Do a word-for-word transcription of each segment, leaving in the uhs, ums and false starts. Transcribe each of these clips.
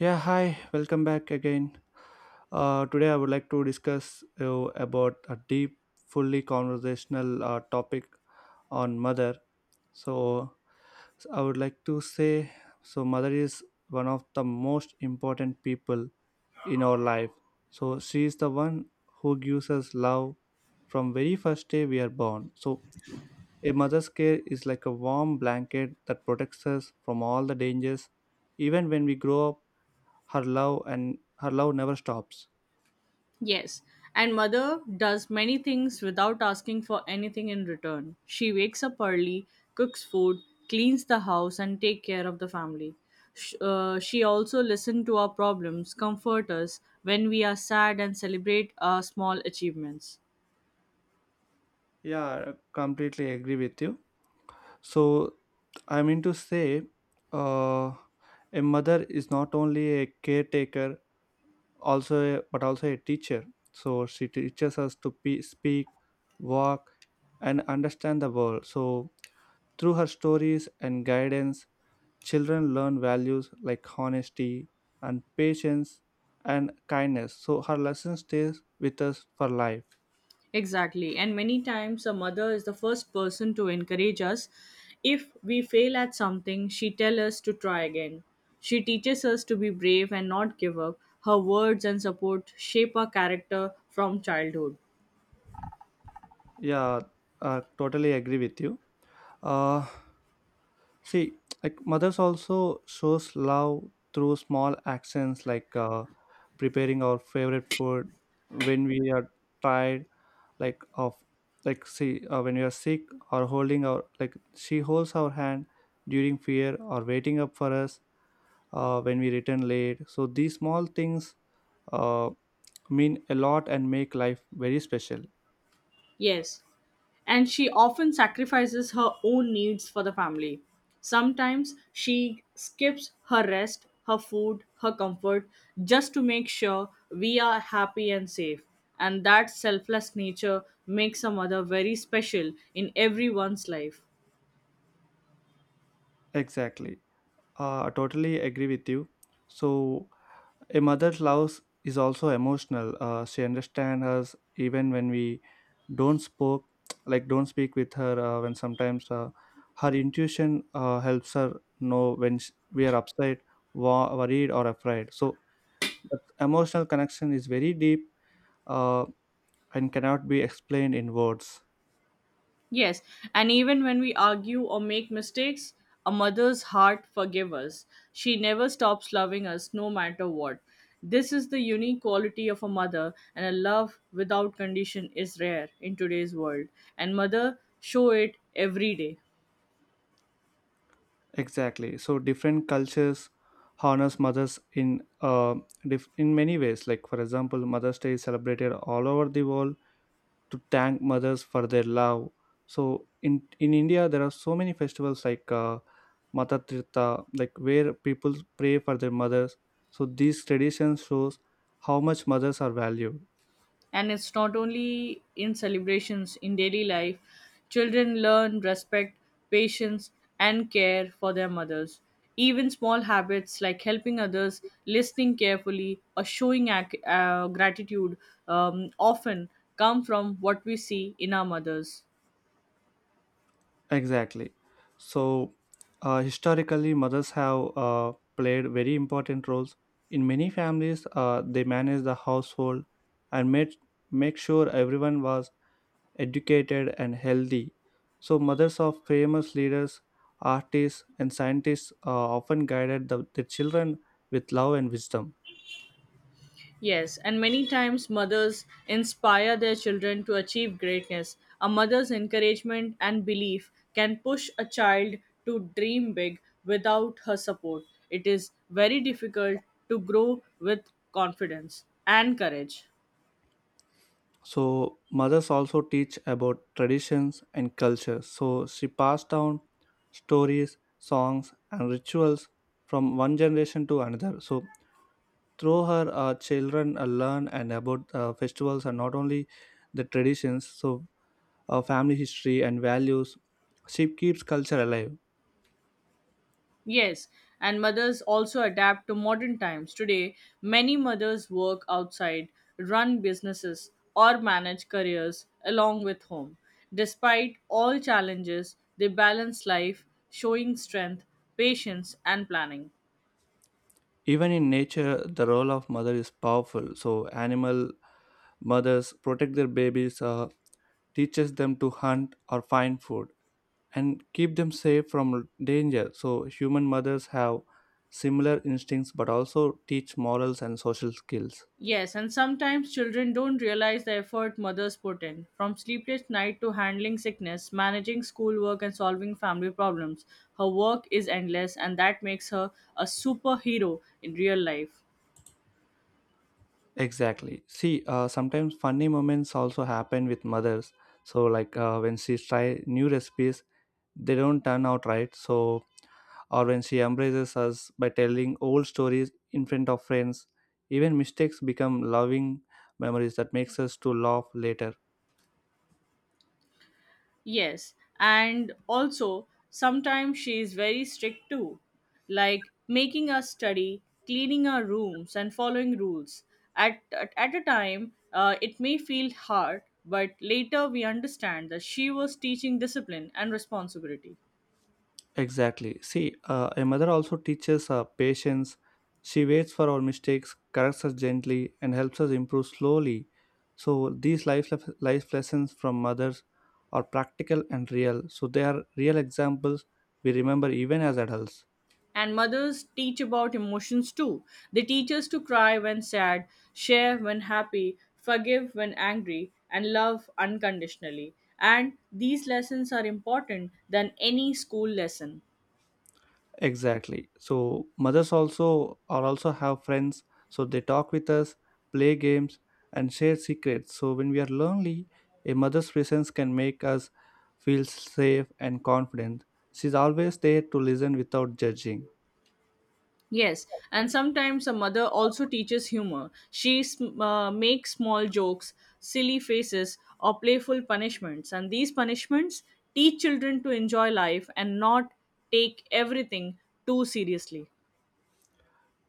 Yeah, hi, welcome back again. Uh, today, I would like to discuss uh, about a deep, fully conversational uh, topic on mother. So, so I would like to say so, mother is one of the most important people in our life. So, she is the one who gives us love from very first day we are born. So, a mother's care is like a warm blanket that protects us from all the dangers, even when we grow up her love and her love never stops. Yes, and mother does many things without asking for anything in return. She wakes up early, cooks food, cleans the house, and take care of the family. Sh- uh, She also listens to our problems, comfort us when we are sad, and celebrate our small achievements. Yeah, I completely agree with you. So I mean to say uh, a mother is not only a caretaker also a, but also a teacher. So she teaches us to pe- speak, walk, and understand the world. So through her stories and guidance, children learn values like honesty and patience and kindness. So her lesson stays with us for life. Exactly. And many times a mother is the first person to encourage us. If we fail at something, she tells us to try again. She teaches us to be brave and not give up. Her words and support shape our character from childhood. Yeah, I totally agree with you. Uh, see, like mothers also shows love through small actions like uh, preparing our favorite food when we are tired, like of like see uh, when we are sick or holding our like she holds our hand during fear or waiting up for us uh, when we return late. So these small things uh, mean a lot and make life very special. Yes. And she often sacrifices her own needs for the family. Sometimes she skips her rest, her food, her comfort just to make sure we are happy and safe. And that selfless nature makes a mother very special in everyone's life. Exactly. Uh, I totally agree with you. So a mother's love is also emotional. Uh, she understands us even when we don't spoke, like don't speak with her. Uh, when sometimes uh, her intuition uh, helps her know when sh we are upset, wo- worried, or afraid. So that emotional connection is very deep uh, and cannot be explained in words. Yes, and even when we argue or make mistakes, a mother's heart forgives us. She never stops loving us no matter what. This is the unique quality of a mother, and a love without condition is rare in today's world. And mother show it every day. Exactly. So different cultures honors mothers in uh, dif- in many ways. Like for example, Mother's Day is celebrated all over the world to thank mothers for their love. So in in India, there are so many festivals like uh, Mata Tirtha, like where people pray for their mothers. So these traditions shows how much mothers are valued. And it's not only in celebrations in daily life, children learn respect, patience, and care for their mothers. Even small habits like helping others, listening carefully, or showing ac- uh, gratitude um, often come from what we see in our mothers. Exactly. So, uh, historically, mothers have uh, played very important roles. In many families, uh, they managed the household and made make sure everyone was educated and healthy. So, mothers of famous leaders, artists, and scientists uh, often guided the, their children with love and wisdom. Yes, and many times mothers inspire their children to achieve greatness. A mother's encouragement and belief can push a child to dream big. Without her support, it is very difficult to grow with confidence and courage. So mothers also teach about traditions and culture. So she passed down stories, songs, and rituals from one generation to another. So through her, uh, children uh, learn and about uh, festivals and not only the traditions. So uh, family history and values. She keeps culture alive. Yes, and mothers also adapt to modern times. Today, many mothers work outside, run businesses, or manage careers along with home. Despite all challenges, they balance life, showing strength, patience, and planning. Even in nature, the role of mother is powerful. So animal mothers protect their babies, uh, teaches them to hunt or find food and keep them safe from danger. So, human mothers have similar instincts but also teach morals and social skills. Yes, and sometimes children don't realize the effort mothers put in. From sleepless night to handling sickness, managing schoolwork, and solving family problems, her work is endless, and that makes her a superhero in real life. Exactly. See, uh, sometimes funny moments also happen with mothers. So, like uh, when she try new recipes, they don't turn out right. So, or when she embraces us by telling old stories in front of friends, even mistakes become loving memories that makes us to laugh later. Yes, and also sometimes she is very strict too, like making us study, cleaning our rooms, and following rules. At, at, at a time, uh, it may feel hard, but later we understand that she was teaching discipline and responsibility. Exactly. See, uh, a mother also teaches uh, patience. She waits for our mistakes, corrects us gently, and helps us improve slowly. So these life lef- life lessons from mothers are practical and real. So they are real examples we remember even as adults. And mothers teach about emotions too. They teach us to cry when sad, share when happy, forgive when angry, and love unconditionally. And these lessons are important than any school lesson. Exactly. So mothers also are also have friends, so they talk with us, play games, and share secrets. So when we are lonely, a mother's presence can make us feel safe and confident. She's always there to listen without judging. Yes, and sometimes a mother also teaches humor. She sm- uh, makes small jokes, silly faces, or playful punishments, and these punishments teach children to enjoy life and not take everything too seriously.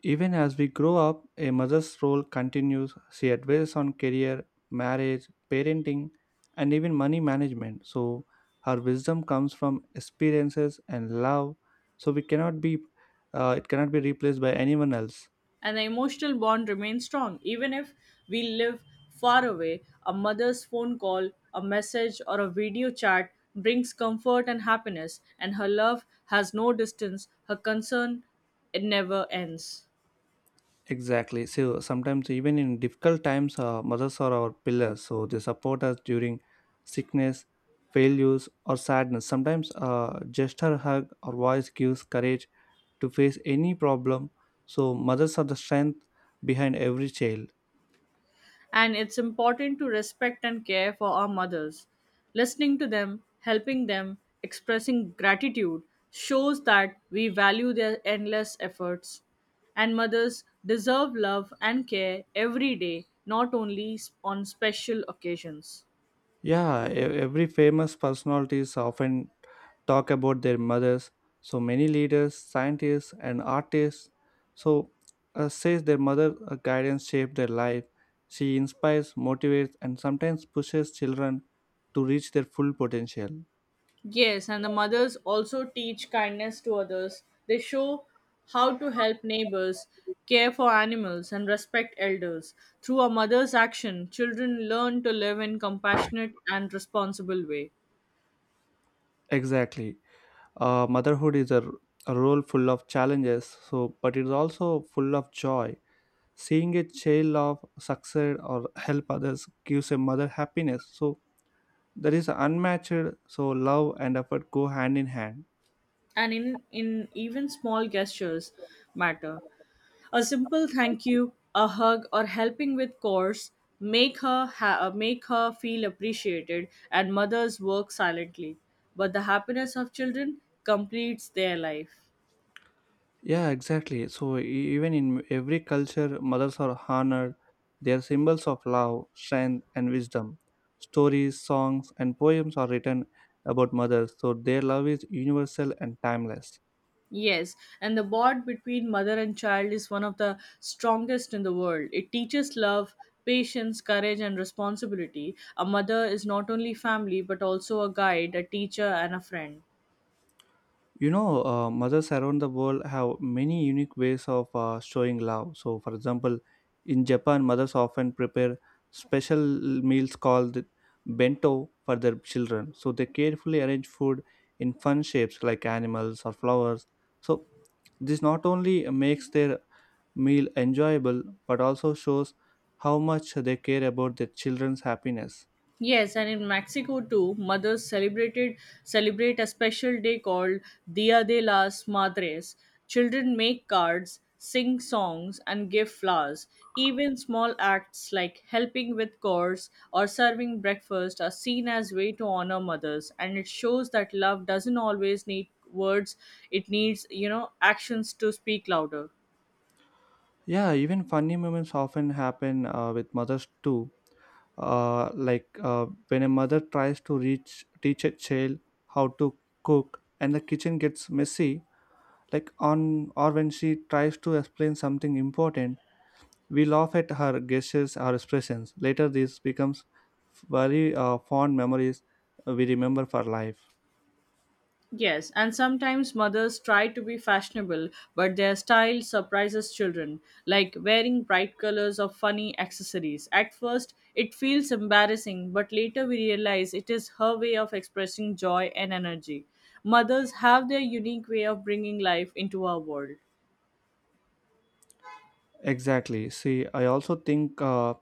Even as we grow up, a mother's role continues. She advises on career, marriage, parenting, and even money management. So, her wisdom comes from experiences and love. So, we cannot be, uh, it cannot be replaced by anyone else. And the emotional bond remains strong. Even if we live far away, a mother's phone call, a message, or a video chat brings comfort and happiness, and her love has no distance, her concern, it never ends. Exactly. So, sometimes even in difficult times, uh, mothers are our pillars. So, they support us during sickness, failures, or sadness. Sometimes, uh, just her hug or voice gives courage to face any problem. So, mothers are the strength behind every child. And it's important to respect and care for our mothers. Listening to them, helping them, expressing gratitude shows that we value their endless efforts. And mothers deserve love and care every day, not only on special occasions. Yeah, e- every famous personalities often talk about their mothers. So, many leaders, scientists, and artists so uh, says their mother uh, guidance shaped their life. She inspires, motivates, and sometimes pushes children to reach their full potential. Yes, and the mothers also teach kindness to others. They show how to help neighbors, care for animals, and respect elders. Through a mother's action, children learn to live in compassionate and responsible way. Exactly. Uh, motherhood is a, r- a role full of challenges, so but it is also full of joy. Seeing a child of succeed or help others gives a mother happiness, so there is unmatched so love and effort go hand in hand. And in, in even small gestures matter. A simple thank you, a hug, or helping with chores make her ha- uh, make her feel appreciated, and mothers work silently. But the happiness of children completes their life. Yeah, exactly. So e- even in every culture mothers are honored. They are symbols of love, strength, and wisdom. Stories, songs, and poems are written about mothers, so their love is universal and timeless. Yes, and the bond between mother and child is one of the strongest in the world. It teaches love, patience, courage, and responsibility. A mother is not only family but also a guide, a teacher, and a friend. You know, uh, mothers around the world have many unique ways of uh, showing love. So for example, in Japan mothers often prepare special meals called bento for their children. So they carefully arrange food in fun shapes like animals or flowers. So this not only makes their meal enjoyable but also shows how much they care about their children's happiness. Yes, and in Mexico too, mothers celebrated celebrate a special day called Dia de las Madres. Children make cards, sing songs, and give flowers. Even small acts like helping with chores or serving breakfast are seen as way to honor mothers, and it shows that love doesn't always need words; it needs, you know, actions to speak louder. Yeah, even funny moments often happen uh, with mothers too. Uh, like uh, when a mother tries to reach teach a child how to cook, and the kitchen gets messy. Like on or when she tries to explain something important, we laugh at her gestures or expressions. Later, this becomes very uh, fond memories we remember for life. Yes, and sometimes mothers try to be fashionable, but their style surprises children, like wearing bright colors or funny accessories. At first, it feels embarrassing, but later we realize it is her way of expressing joy and energy. Mothers have their unique way of bringing life into our world. Exactly. See, I also think uh,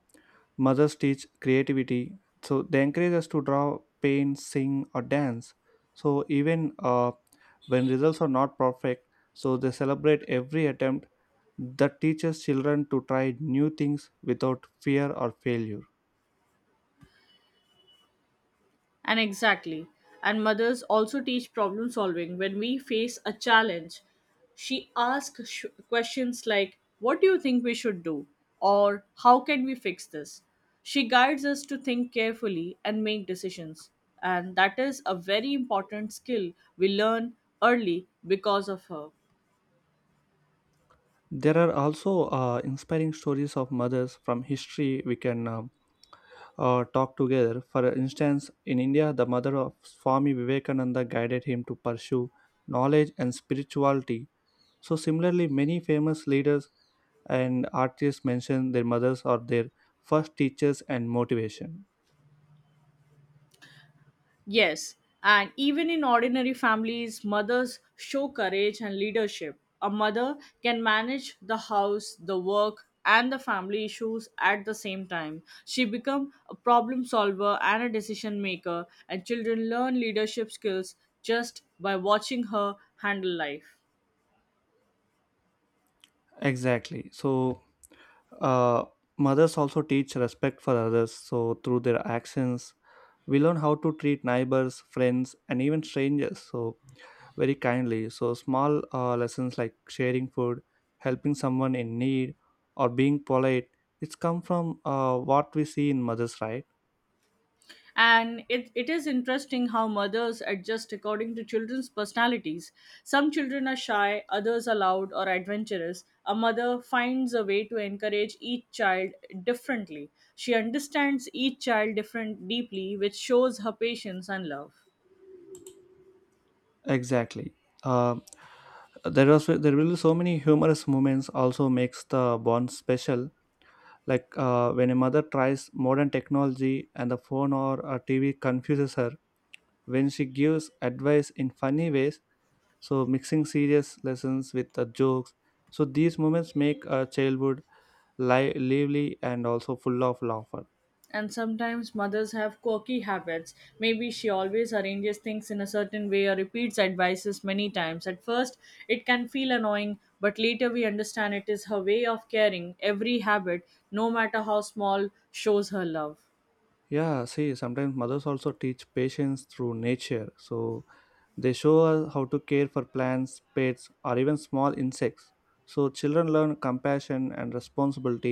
mothers teach creativity, so they encourage us to draw, paint, sing, or dance. So even uh, when results are not perfect, so they celebrate every attempt that teaches children to try new things without fear or failure. And exactly. And mothers also teach problem solving. When we face a challenge, she asks sh- questions like, "What do you think we should do?" or "How can we fix this?" She guides us to think carefully and make decisions. And that is a very important skill we learn early because of her. There are also uh, inspiring stories of mothers from history we can um, uh, talk together. For instance, in India, the mother of Swami Vivekananda guided him to pursue knowledge and spirituality. So, similarly, many famous leaders and artists mention their mothers or their first teachers and motivation. Yes, and even in ordinary families, mothers show courage and leadership. A mother can manage the house, the work, and the family issues at the same time. She becomes a problem solver and a decision maker, and children learn leadership skills just by watching her handle life. Exactly. So, uh, mothers also teach respect for others. So, through their actions, we learn how to treat neighbors, friends, and even strangers. So, very kindly. So, small uh, lessons like sharing food, helping someone in need, or being polite. It's come from uh, what we see in mothers, right? And it, it is interesting how mothers adjust according to children's personalities. Some children are shy, others are loud or adventurous. A mother finds a way to encourage each child differently. She understands each child different deeply, which shows her patience and love. Exactly. Uh, there was there will be so many humorous moments also makes the bond special, like uh, when a mother tries modern technology and the phone or a TV confuses her, when she gives advice in funny ways, so mixing serious lessons with the jokes. So these moments make a childhood li- lively and also full of laughter. And sometimes mothers have quirky habits. Maybe she always arranges things in a certain way or repeats advices many times. At first, it can feel annoying, but later we understand it is her way of caring. Every habit, no matter how small, shows her love. Yeah, see, sometimes mothers also teach patience through nature. So they show us how to care for plants, pets, or even small insects. So children learn compassion and responsibility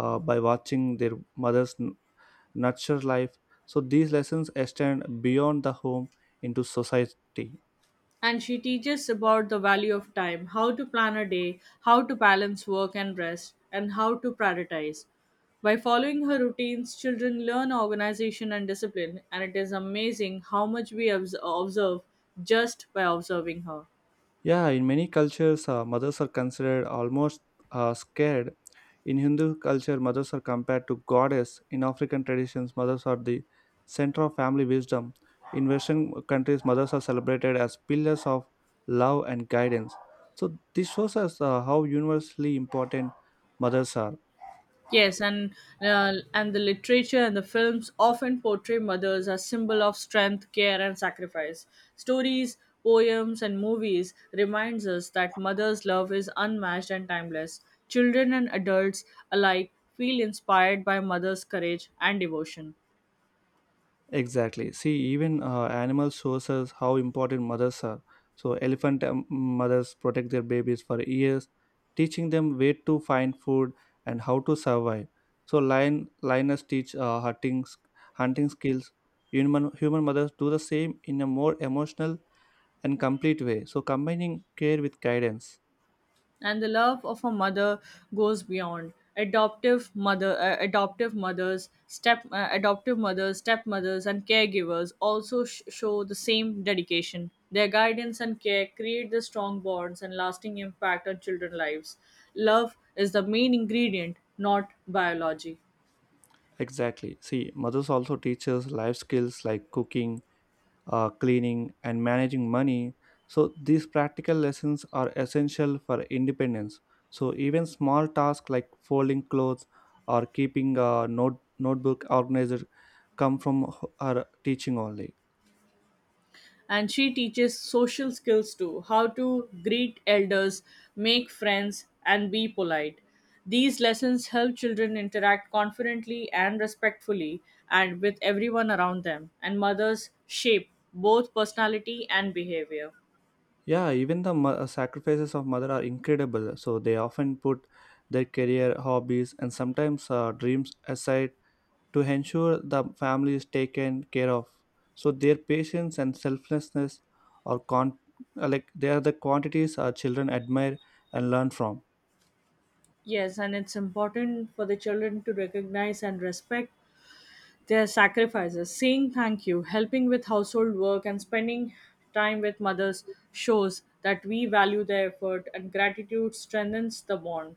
uh, by watching their mothers n- nurture life. So these lessons extend beyond the home into society. And she teaches about the value of time, how to plan a day, how to balance work and rest, and how to prioritize. By following her routines, children learn organization and discipline, and it is amazing how much we obs- observe just by observing her. Yeah, in many cultures, uh, mothers are considered almost uh, scared. In Hindu culture, mothers are compared to goddess. In African traditions, mothers are the center of family wisdom. In Western countries, mothers are celebrated as pillars of love and guidance. So this shows us uh, how universally important mothers are. Yes, and uh, and the literature and the films often portray mothers as symbol of strength, care, and sacrifice. Stories, poems, and movies reminds us that mother's love is unmatched and timeless. Children and adults alike feel inspired by mother's courage and devotion. Exactly. See, even uh, animals shows us how important mothers are. So, elephant um, mothers protect their babies for years, teaching them where to find food and how to survive. So, lion lioness teach uh, hunting s- hunting skills. Human human mothers do the same in a more emotional and complete way. So, combining care with guidance. And the love of a mother goes beyond adoptive mother uh, adoptive mothers step uh, adoptive mothers, stepmothers, and caregivers also sh- show the same dedication. Their guidance and care create the strong bonds and lasting impact on children's lives. Love is the main ingredient, not biology. Exactly. See, mothers also teach us life skills like cooking, uh, cleaning, and managing money. So, these practical lessons are essential for independence. So, even small tasks like folding clothes or keeping a note, notebook organized come from h- her teaching only. And she teaches social skills too, how to greet elders, make friends, and be polite. These lessons help children interact confidently and respectfully and with everyone around them, and mothers shape both personality and behavior. Yeah, even the mo- uh, sacrifices of mother are incredible. So, they often put their career, hobbies, and sometimes uh, dreams aside to ensure the family is taken care of. So their patience and selflessness are con- are like they are the quantities our children admire and learn from. Yes, and it's important for the children to recognize and respect their sacrifices. Saying thank you, helping with household work, and spending time with mothers shows that we value their effort, and gratitude strengthens the bond.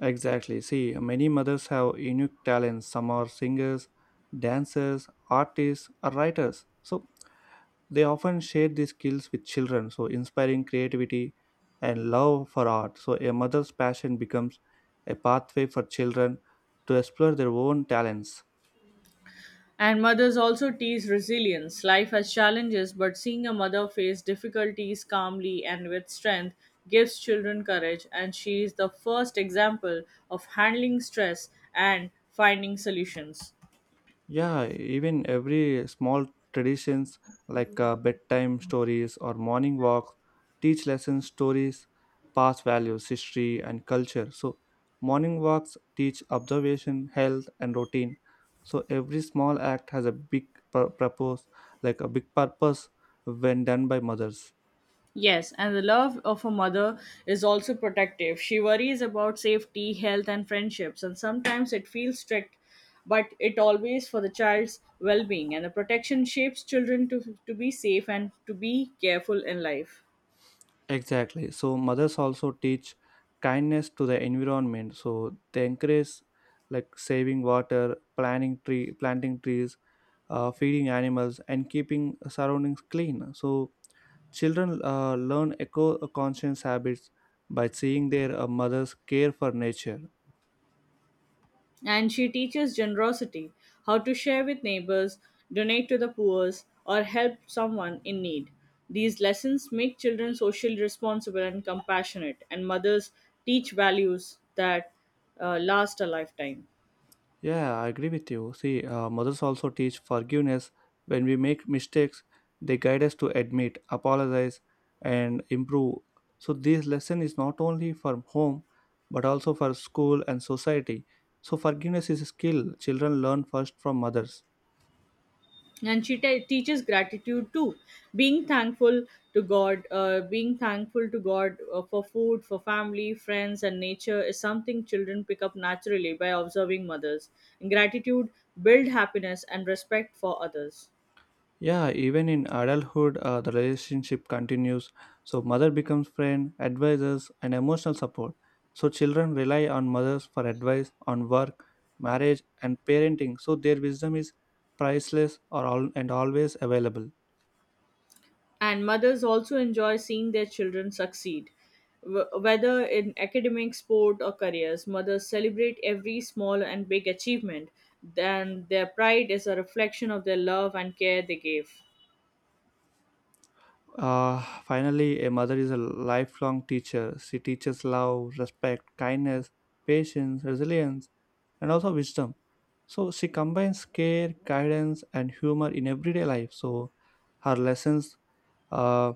Exactly. See, many mothers have unique talents. Some are singers, dancers, artists, or writers. So they often share these skills with children, so inspiring creativity and love for art. So a mother's passion becomes a pathway for children to explore their own talents. And mothers also teach resilience. Life has challenges, but seeing a mother face difficulties calmly and with strength gives children courage, and she is the first example of handling stress and finding solutions. Yeah, even every small traditions like uh, bedtime stories or morning walks teach lessons, stories, past values, history, and culture. So, morning walks teach observation, health, and routine. So, every small act has a big pur- purpose, like a big purpose when done by mothers. Yes, and the love of a mother is also protective. She worries about safety, health, and friendships, and sometimes it feels strict, but it always for the child's well being. And the protection shapes children to, to be safe and to be careful in life. Exactly. So, mothers also teach kindness to the environment. So, they encourage like saving water, planting tree, planting trees, uh, feeding animals, and keeping surroundings clean. So children uh, learn eco-conscious habits by seeing their uh, mothers care for nature. And she teaches generosity, how to share with neighbors, donate to the poor, or help someone in need. These lessons make children socially responsible and compassionate, and mothers teach values that uh, last a lifetime. Yeah, I agree with you. See, uh, mothers also teach forgiveness. When we make mistakes, they guide us to admit, apologize, and improve. So this lesson is not only for home, but also for school and society. So forgiveness is a skill children learn first from mothers. And she te- teaches gratitude too. Being thankful to god uh, being thankful to god uh, for food, for family, friends, and nature is something children pick up naturally by observing mothers. Gratitude build happiness and respect for others. Yeah, even in adulthood, uh, the relationship continues. So, mother becomes friend, advisors, and emotional support. So, children rely on mothers for advice on work, marriage, and parenting. So, their wisdom is priceless or all, and always available. And mothers also enjoy seeing their children succeed. Wh- whether in academic sport or careers, mothers celebrate every small and big achievement. Then their pride is a reflection of their love and care they gave. Uh, finally, a mother is a lifelong teacher. She teaches love, respect, kindness, patience, resilience, and also wisdom. So she combines care, guidance, and humor in everyday life. So her lessons uh,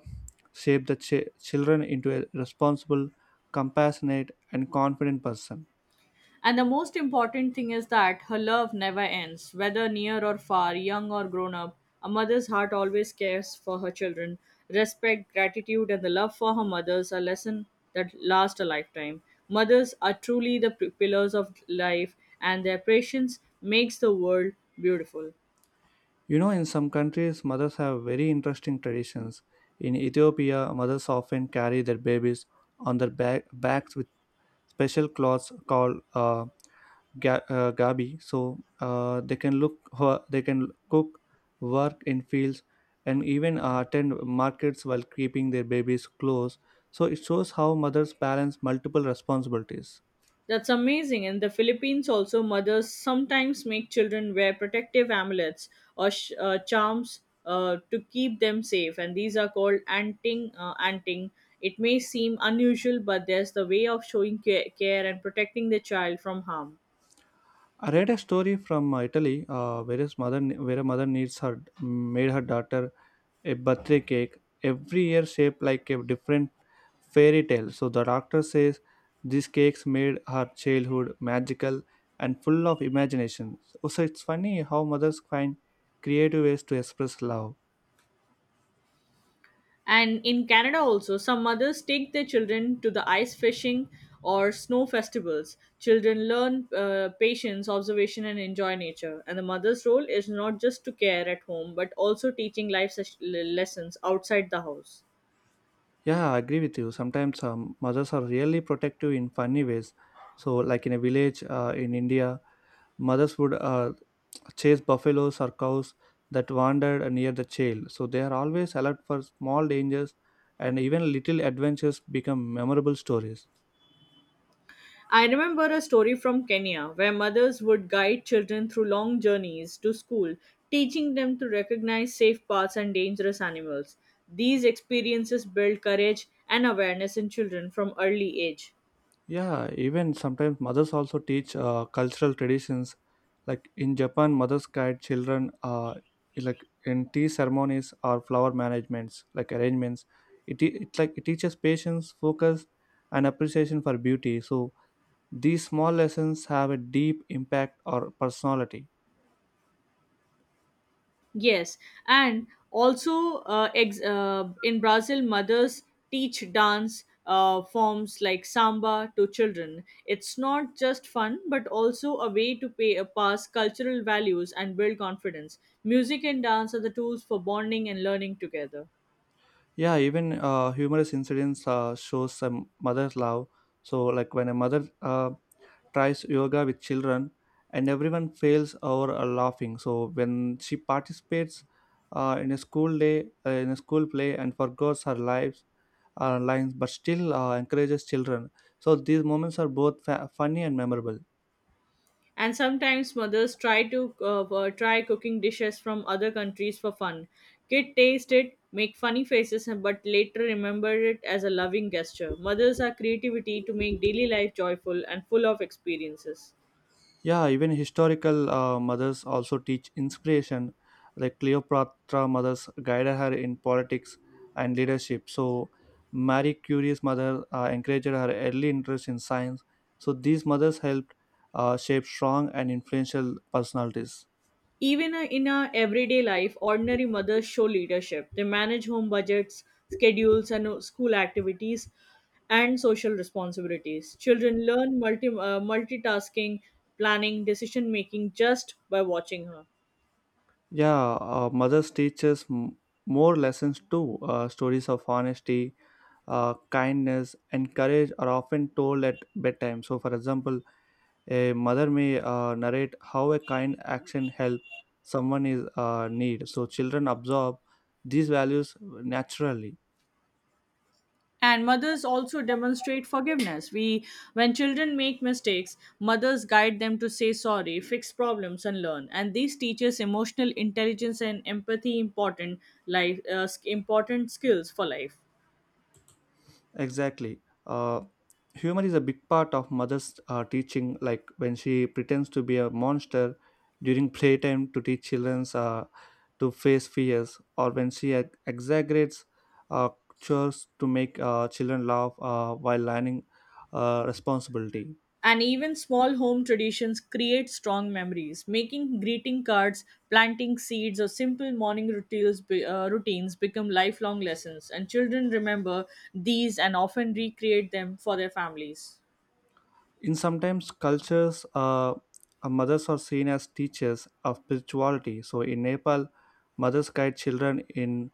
shape the ch- children into a responsible, compassionate, and confident person. And the most important thing is that her love never ends, whether near or far, young or grown up. A mother's heart always cares for her children. Respect, gratitude, and the love for her mothers are lessons that last a lifetime. Mothers are truly the p- pillars of life, and their patience makes the world beautiful. You know, in some countries, mothers have very interesting traditions. In Ethiopia, mothers often carry their babies on their back- backs with special cloths called uh, ga- uh, gabi, so uh, they can look ho- they can cook, work in fields, and even uh, attend markets while keeping their babies close. So it shows how mothers balance multiple responsibilities. That's amazing. In the Philippines, also, mothers sometimes make children wear protective amulets or sh- uh, charms uh, to keep them safe, and these are called anting. Uh, anting. It may seem unusual, but there's the way of showing care, care and protecting the child from harm. I read a story from uh, italy, uh, where, his mother, where a mother needs her made her daughter a birthday cake every year shaped like a different fairy tale. So the doctor says these cakes made her childhood magical and full of imagination. So, so it's funny how mothers find creative ways to express love. And in Canada also, some mothers take their children to the ice fishing or snow festivals. Children learn uh, patience, observation, and enjoy nature. And the mother's role is not just to care at home, but also teaching life ses- le- lessons outside the house. Yeah, I agree with you. Sometimes um, mothers are really protective in funny ways. So, like in a village uh, in India, mothers would uh, chase buffaloes or cows that wandered near the child. So they are always alert for small dangers, and even little adventures become memorable stories. I remember a story from Kenya where mothers would guide children through long journeys to school, teaching them to recognize safe paths and dangerous animals. These experiences build courage and awareness in children from early age. Yeah, even sometimes mothers also teach uh, cultural traditions. Like in Japan, mothers guide children uh, like in tea ceremonies or flower managements, like arrangements. It, it like it teaches patience, focus, and appreciation for beauty. So these small lessons have a deep impact on personality. Yes, and also uh, ex- uh, in Brazil, mothers teach dance uh, forms like samba to children. It's not just fun, but also a way to pay, uh, pass cultural values and build confidence. Music and dance are the tools for bonding and learning together. Yeah, even uh, humorous incidents uh, shows some mother's love. So, like when a mother uh, tries yoga with children, and everyone fails or are laughing. So, when she participates uh, in a school day, uh, in a school play, and forgets her lives, uh, lines, but still uh, encourages children. So, these moments are both fa- funny and memorable. And sometimes mothers try to uh, uh, try cooking dishes from other countries for fun. Kid taste it, make funny faces, but later remember it as a loving gesture. Mothers are creativity to make daily life joyful and full of experiences. Yeah, even historical uh, mothers also teach inspiration. Like Cleopatra mothers guided her in politics and leadership. So Marie Curie's mother uh, encouraged her early interest in science. So these mothers helped uh, shape strong and influential personalities. Even uh, in our everyday life, ordinary mothers show leadership. They manage home budgets, schedules, and uh, school activities and social responsibilities. Children learn multi, uh, multitasking, planning, decision making just by watching her. Yeah, uh, mothers teaches m- more lessons too. Uh, stories of honesty, uh, kindness, and courage are often told at bedtime. So, for example, a mother may uh, narrate how a kind action help someone is uh, need. So children absorb these values naturally. And mothers also demonstrate forgiveness. We When children make mistakes, mothers guide them to say sorry, fix problems, and learn. And these teaches emotional intelligence and empathy, important life uh, sk- important skills for life. Exactly. Uh, Humor is a big part of mother's uh, teaching. Like when she pretends to be a monster during playtime to teach children uh, to face fears, or when she ex- exaggerates uh, chores to make uh, children laugh uh, while learning uh, responsibility. And even small home traditions create strong memories: making greeting cards, planting seeds, or simple morning routines, be- uh, routines become lifelong lessons, and children remember these and often recreate them for their families. In sometimes cultures, uh, uh, mothers are seen as teachers of spirituality. So in Nepal, mothers guide children in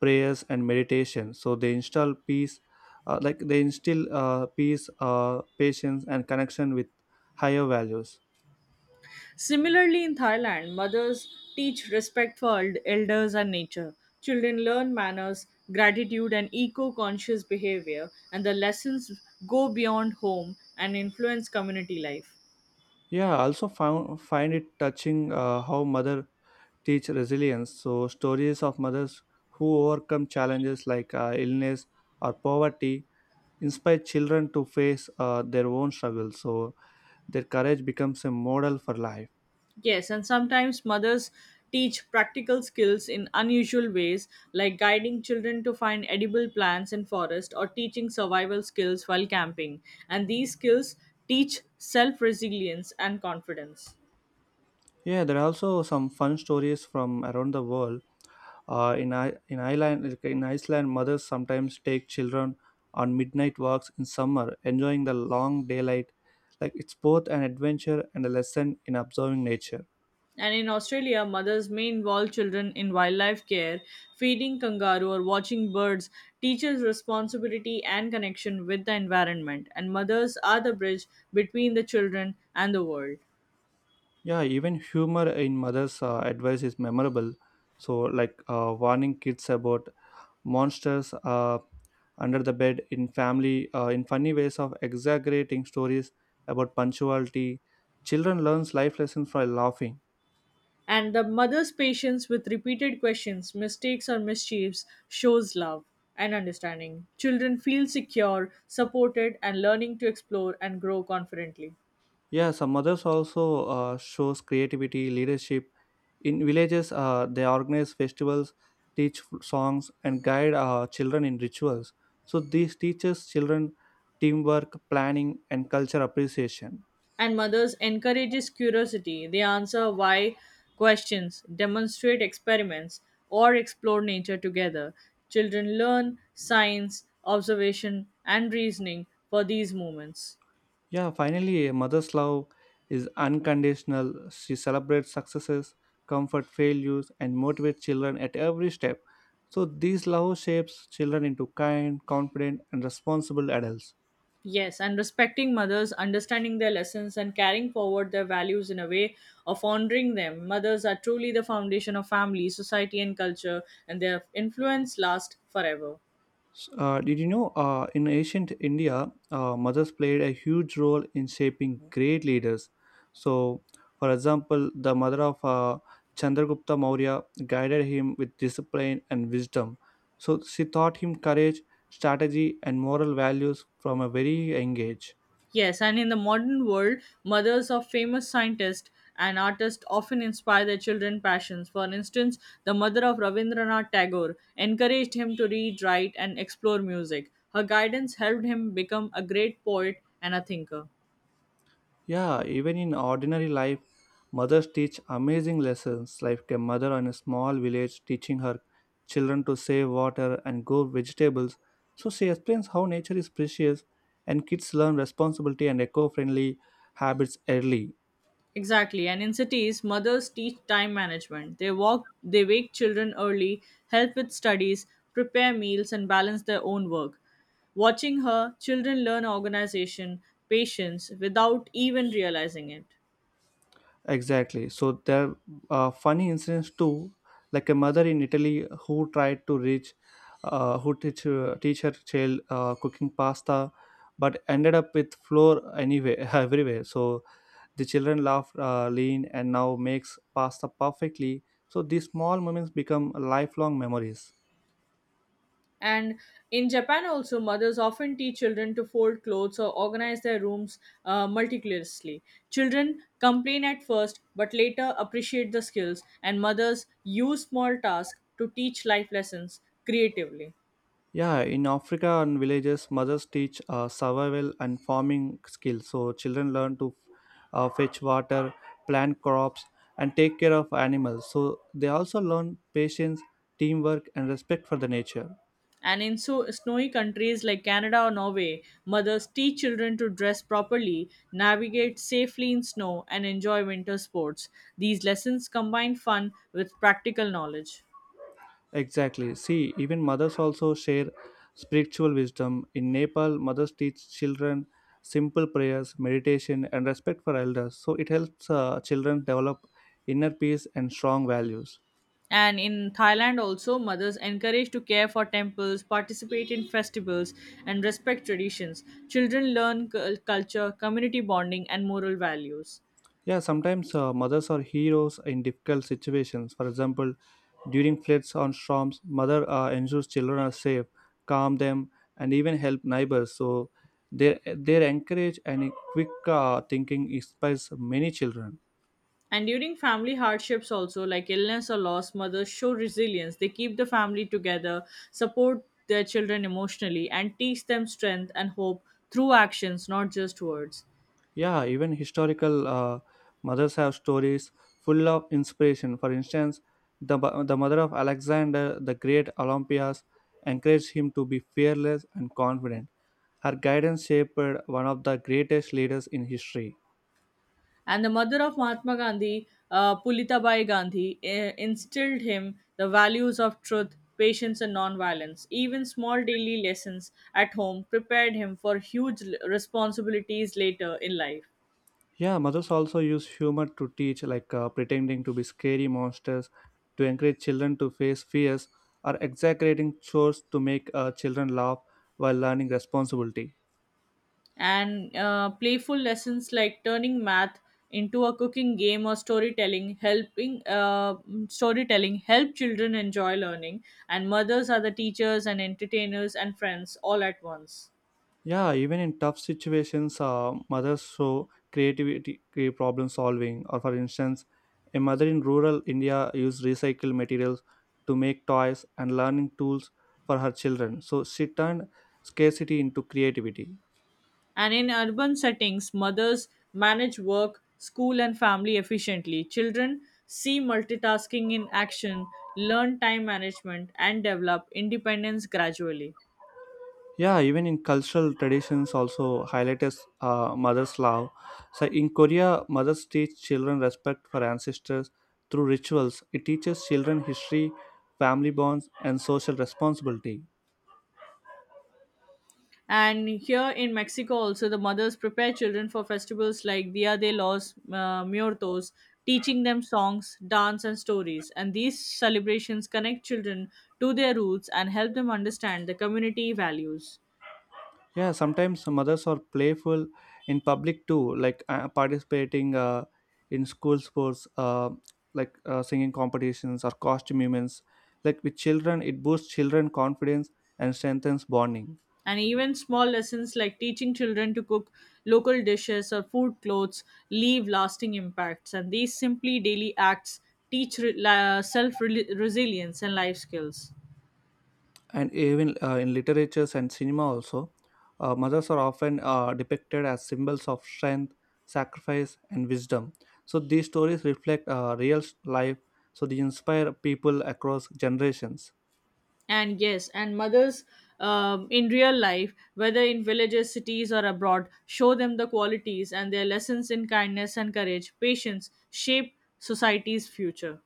prayers and meditation. So they instill peace, uh, like they instill uh, peace, uh, patience, and connection with higher values. Similarly, in Thailand, mothers teach respect for eld- elders and nature. Children learn manners, gratitude, and eco conscious behavior, and the lessons go beyond home and influence community life. Yeah, I also found find it touching uh, how mother teach resilience. So stories of mothers who overcome challenges like uh, illness or poverty inspire children to face uh, their own struggles. So their courage becomes a model for life. Yes, and sometimes mothers teach practical skills in unusual ways, like guiding children to find edible plants in forest or teaching survival skills while camping. And these skills teach self resilience and confidence. Yeah, there are also some fun stories from around the world. Uh, in I- in Ireland, like, in Iceland, mothers sometimes take children on midnight walks in summer, enjoying the long daylight. Like it's both an adventure and a lesson in observing nature. And in Australia, mothers may involve children in wildlife care, feeding kangaroo or watching birds, teaches responsibility and connection with the environment. And mothers are the bridge between the children and the world. Yeah, even humor in mothers' uh, advice is memorable. So, like uh, warning kids about monsters, uh, under the bed in family uh, in funny ways of exaggerating stories about punctuality, children learns life lessons by laughing. And the mother's patience with repeated questions, mistakes, or mischiefs shows love and understanding. Children feel secure, supported, and learning to explore and grow confidently. Yeah, some mothers also uh, shows creativity leadership. In villages, uh, they organize festivals, teach songs, and guide uh, children in rituals. So this teaches children teamwork, planning, and culture appreciation. And mothers encourages curiosity. They answer why questions, demonstrate experiments, or explore nature together. Children learn science, observation, and reasoning for these moments. Yeah, finally, a mother's love is unconditional. She celebrates successes, comfort failures, and motivates children at every step. So, this love shapes children into kind, confident, and responsible adults. Yes, and respecting mothers, understanding their lessons, and carrying forward their values in a way of honoring them. Mothers are truly the foundation of family, society, and culture, and their influence lasts forever. Uh, did you know uh, in ancient India, uh, mothers played a huge role in shaping great leaders? So, for example, the mother of uh, Chandragupta Maurya guided him with discipline and wisdom. So, she taught him courage, strategy, and moral values from a very young age. Yes, and in the modern world, mothers of famous scientists and artists often inspire their children' passions. For instance, the mother of Rabindranath Tagore encouraged him to read, write, and explore music. Her guidance helped him become a great poet and a thinker. Yeah, even in ordinary life, mothers teach amazing lessons, like a mother in a small village teaching her children to save water and grow vegetables. So she explains how nature is precious, and kids learn responsibility and eco friendly habits early. Exactly. And in cities, mothers teach time management. They walk they wake children early, help with studies, prepare meals, and balance their own work. Watching her, children learn organization, patience without even realizing it. Exactly. So there are funny incidents too, like a mother in Italy who tried to reach, uh, who teach, uh, teach her child uh, cooking pasta but ended up with flour anyway everywhere. So the children laugh, uh, lean, and now makes pasta perfectly. So these small moments become lifelong memories. And in Japan also, mothers often teach children to fold clothes or organize their rooms uh, meticulously. Children complain at first, but later appreciate the skills, and mothers use small tasks to teach life lessons creatively. Yeah, in Africa and villages, mothers teach uh, survival and farming skills. So children learn to uh, fetch water, plant crops, and take care of animals. So they also learn patience, teamwork, and respect for the nature. And in so snowy countries like Canada or Norway, mothers teach children to dress properly, navigate safely in snow, and enjoy winter sports. These lessons combine fun with practical knowledge. Exactly. See, even mothers also share spiritual wisdom. In Nepal, mothers teach children simple prayers, meditation, and respect for elders. So it helps uh, children develop inner peace and strong values. And in Thailand, also, mothers encouraged to care for temples, participate in festivals, and respect traditions. Children learn cul- culture, community bonding, and moral values. Yeah, sometimes uh, mothers are heroes in difficult situations. For example, during floods or storms, mother uh, ensures children are safe, calm them, and even help neighbors. So their their encourage and quick uh, thinking inspires many children. And during family hardships, also like illness or loss, mothers show resilience. They keep the family together, support their children emotionally, and teach them strength and hope through actions, not just words. Yeah, even historical uh, mothers have stories full of inspiration. For instance, the, mo- the mother of Alexander the Great, Olympias, encouraged him to be fearless and confident. Her guidance shaped one of the greatest leaders in history. And the mother of Mahatma Gandhi, uh, Pulitabai Gandhi, eh, instilled him the values of truth, patience, and nonviolence. Even small daily lessons at home prepared him for huge l- responsibilities later in life. Yeah, mothers also use humor to teach, like uh, pretending to be scary monsters to encourage children to face fears, or exaggerating chores to make uh, children laugh while learning responsibility. And uh, playful lessons like turning math into a cooking game or storytelling helping uh, storytelling help children enjoy learning. And mothers are the teachers and entertainers and friends all at once. Yeah, even in tough situations, uh, mothers show creativity, cre- problem solving. Or, for instance, a mother in rural India used recycled materials to make toys and learning tools for her children. So, she turned scarcity into creativity. And in urban settings, mothers manage work, school, and family efficiently. Children see multitasking in action, learn time management, and develop independence gradually. Yeah, even in cultural traditions, also highlights uh, mother's love. So, in Korea, mothers teach children respect for ancestors through rituals. It teaches children history, family bonds, and social responsibility. And here in Mexico, also, the mothers prepare children for festivals like Dia de los uh, Muertos, teaching them songs, dance, and stories. And these celebrations connect children to their roots and help them understand the community values. Yeah, sometimes mothers are playful in public too, like uh, participating uh, in school sports, uh, like uh, singing competitions or costume events. Like with children, it boosts children confidence and strengthens bonding. And even small lessons like teaching children to cook local dishes or food clothes leave lasting impacts. And these simply daily acts teach re- la- self resilience and life skills. And even uh, in literatures and cinema also, uh, mothers are often uh, depicted as symbols of strength, sacrifice, and wisdom. So these stories reflect uh, real life, so they inspire people across generations. And yes, and mothers um, in real life, whether in villages, cities, or abroad, show them the qualities, and their lessons in kindness and courage, patience shape society's future.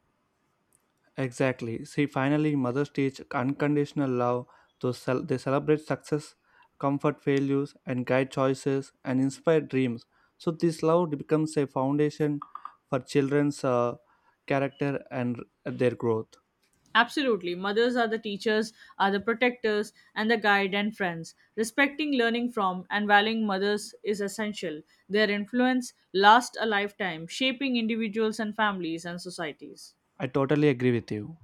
Exactly. See, finally, mothers teach unconditional love. So cel- they celebrate success, comfort failures, and guide choices and inspire dreams. So this love becomes a foundation for children's uh, character and their growth. Absolutely, mothers are the teachers, are the protectors and the guide and friends. Respecting, learning from, and valuing mothers is essential. Their influence lasts a lifetime, shaping individuals and families and societies. I totally agree with you.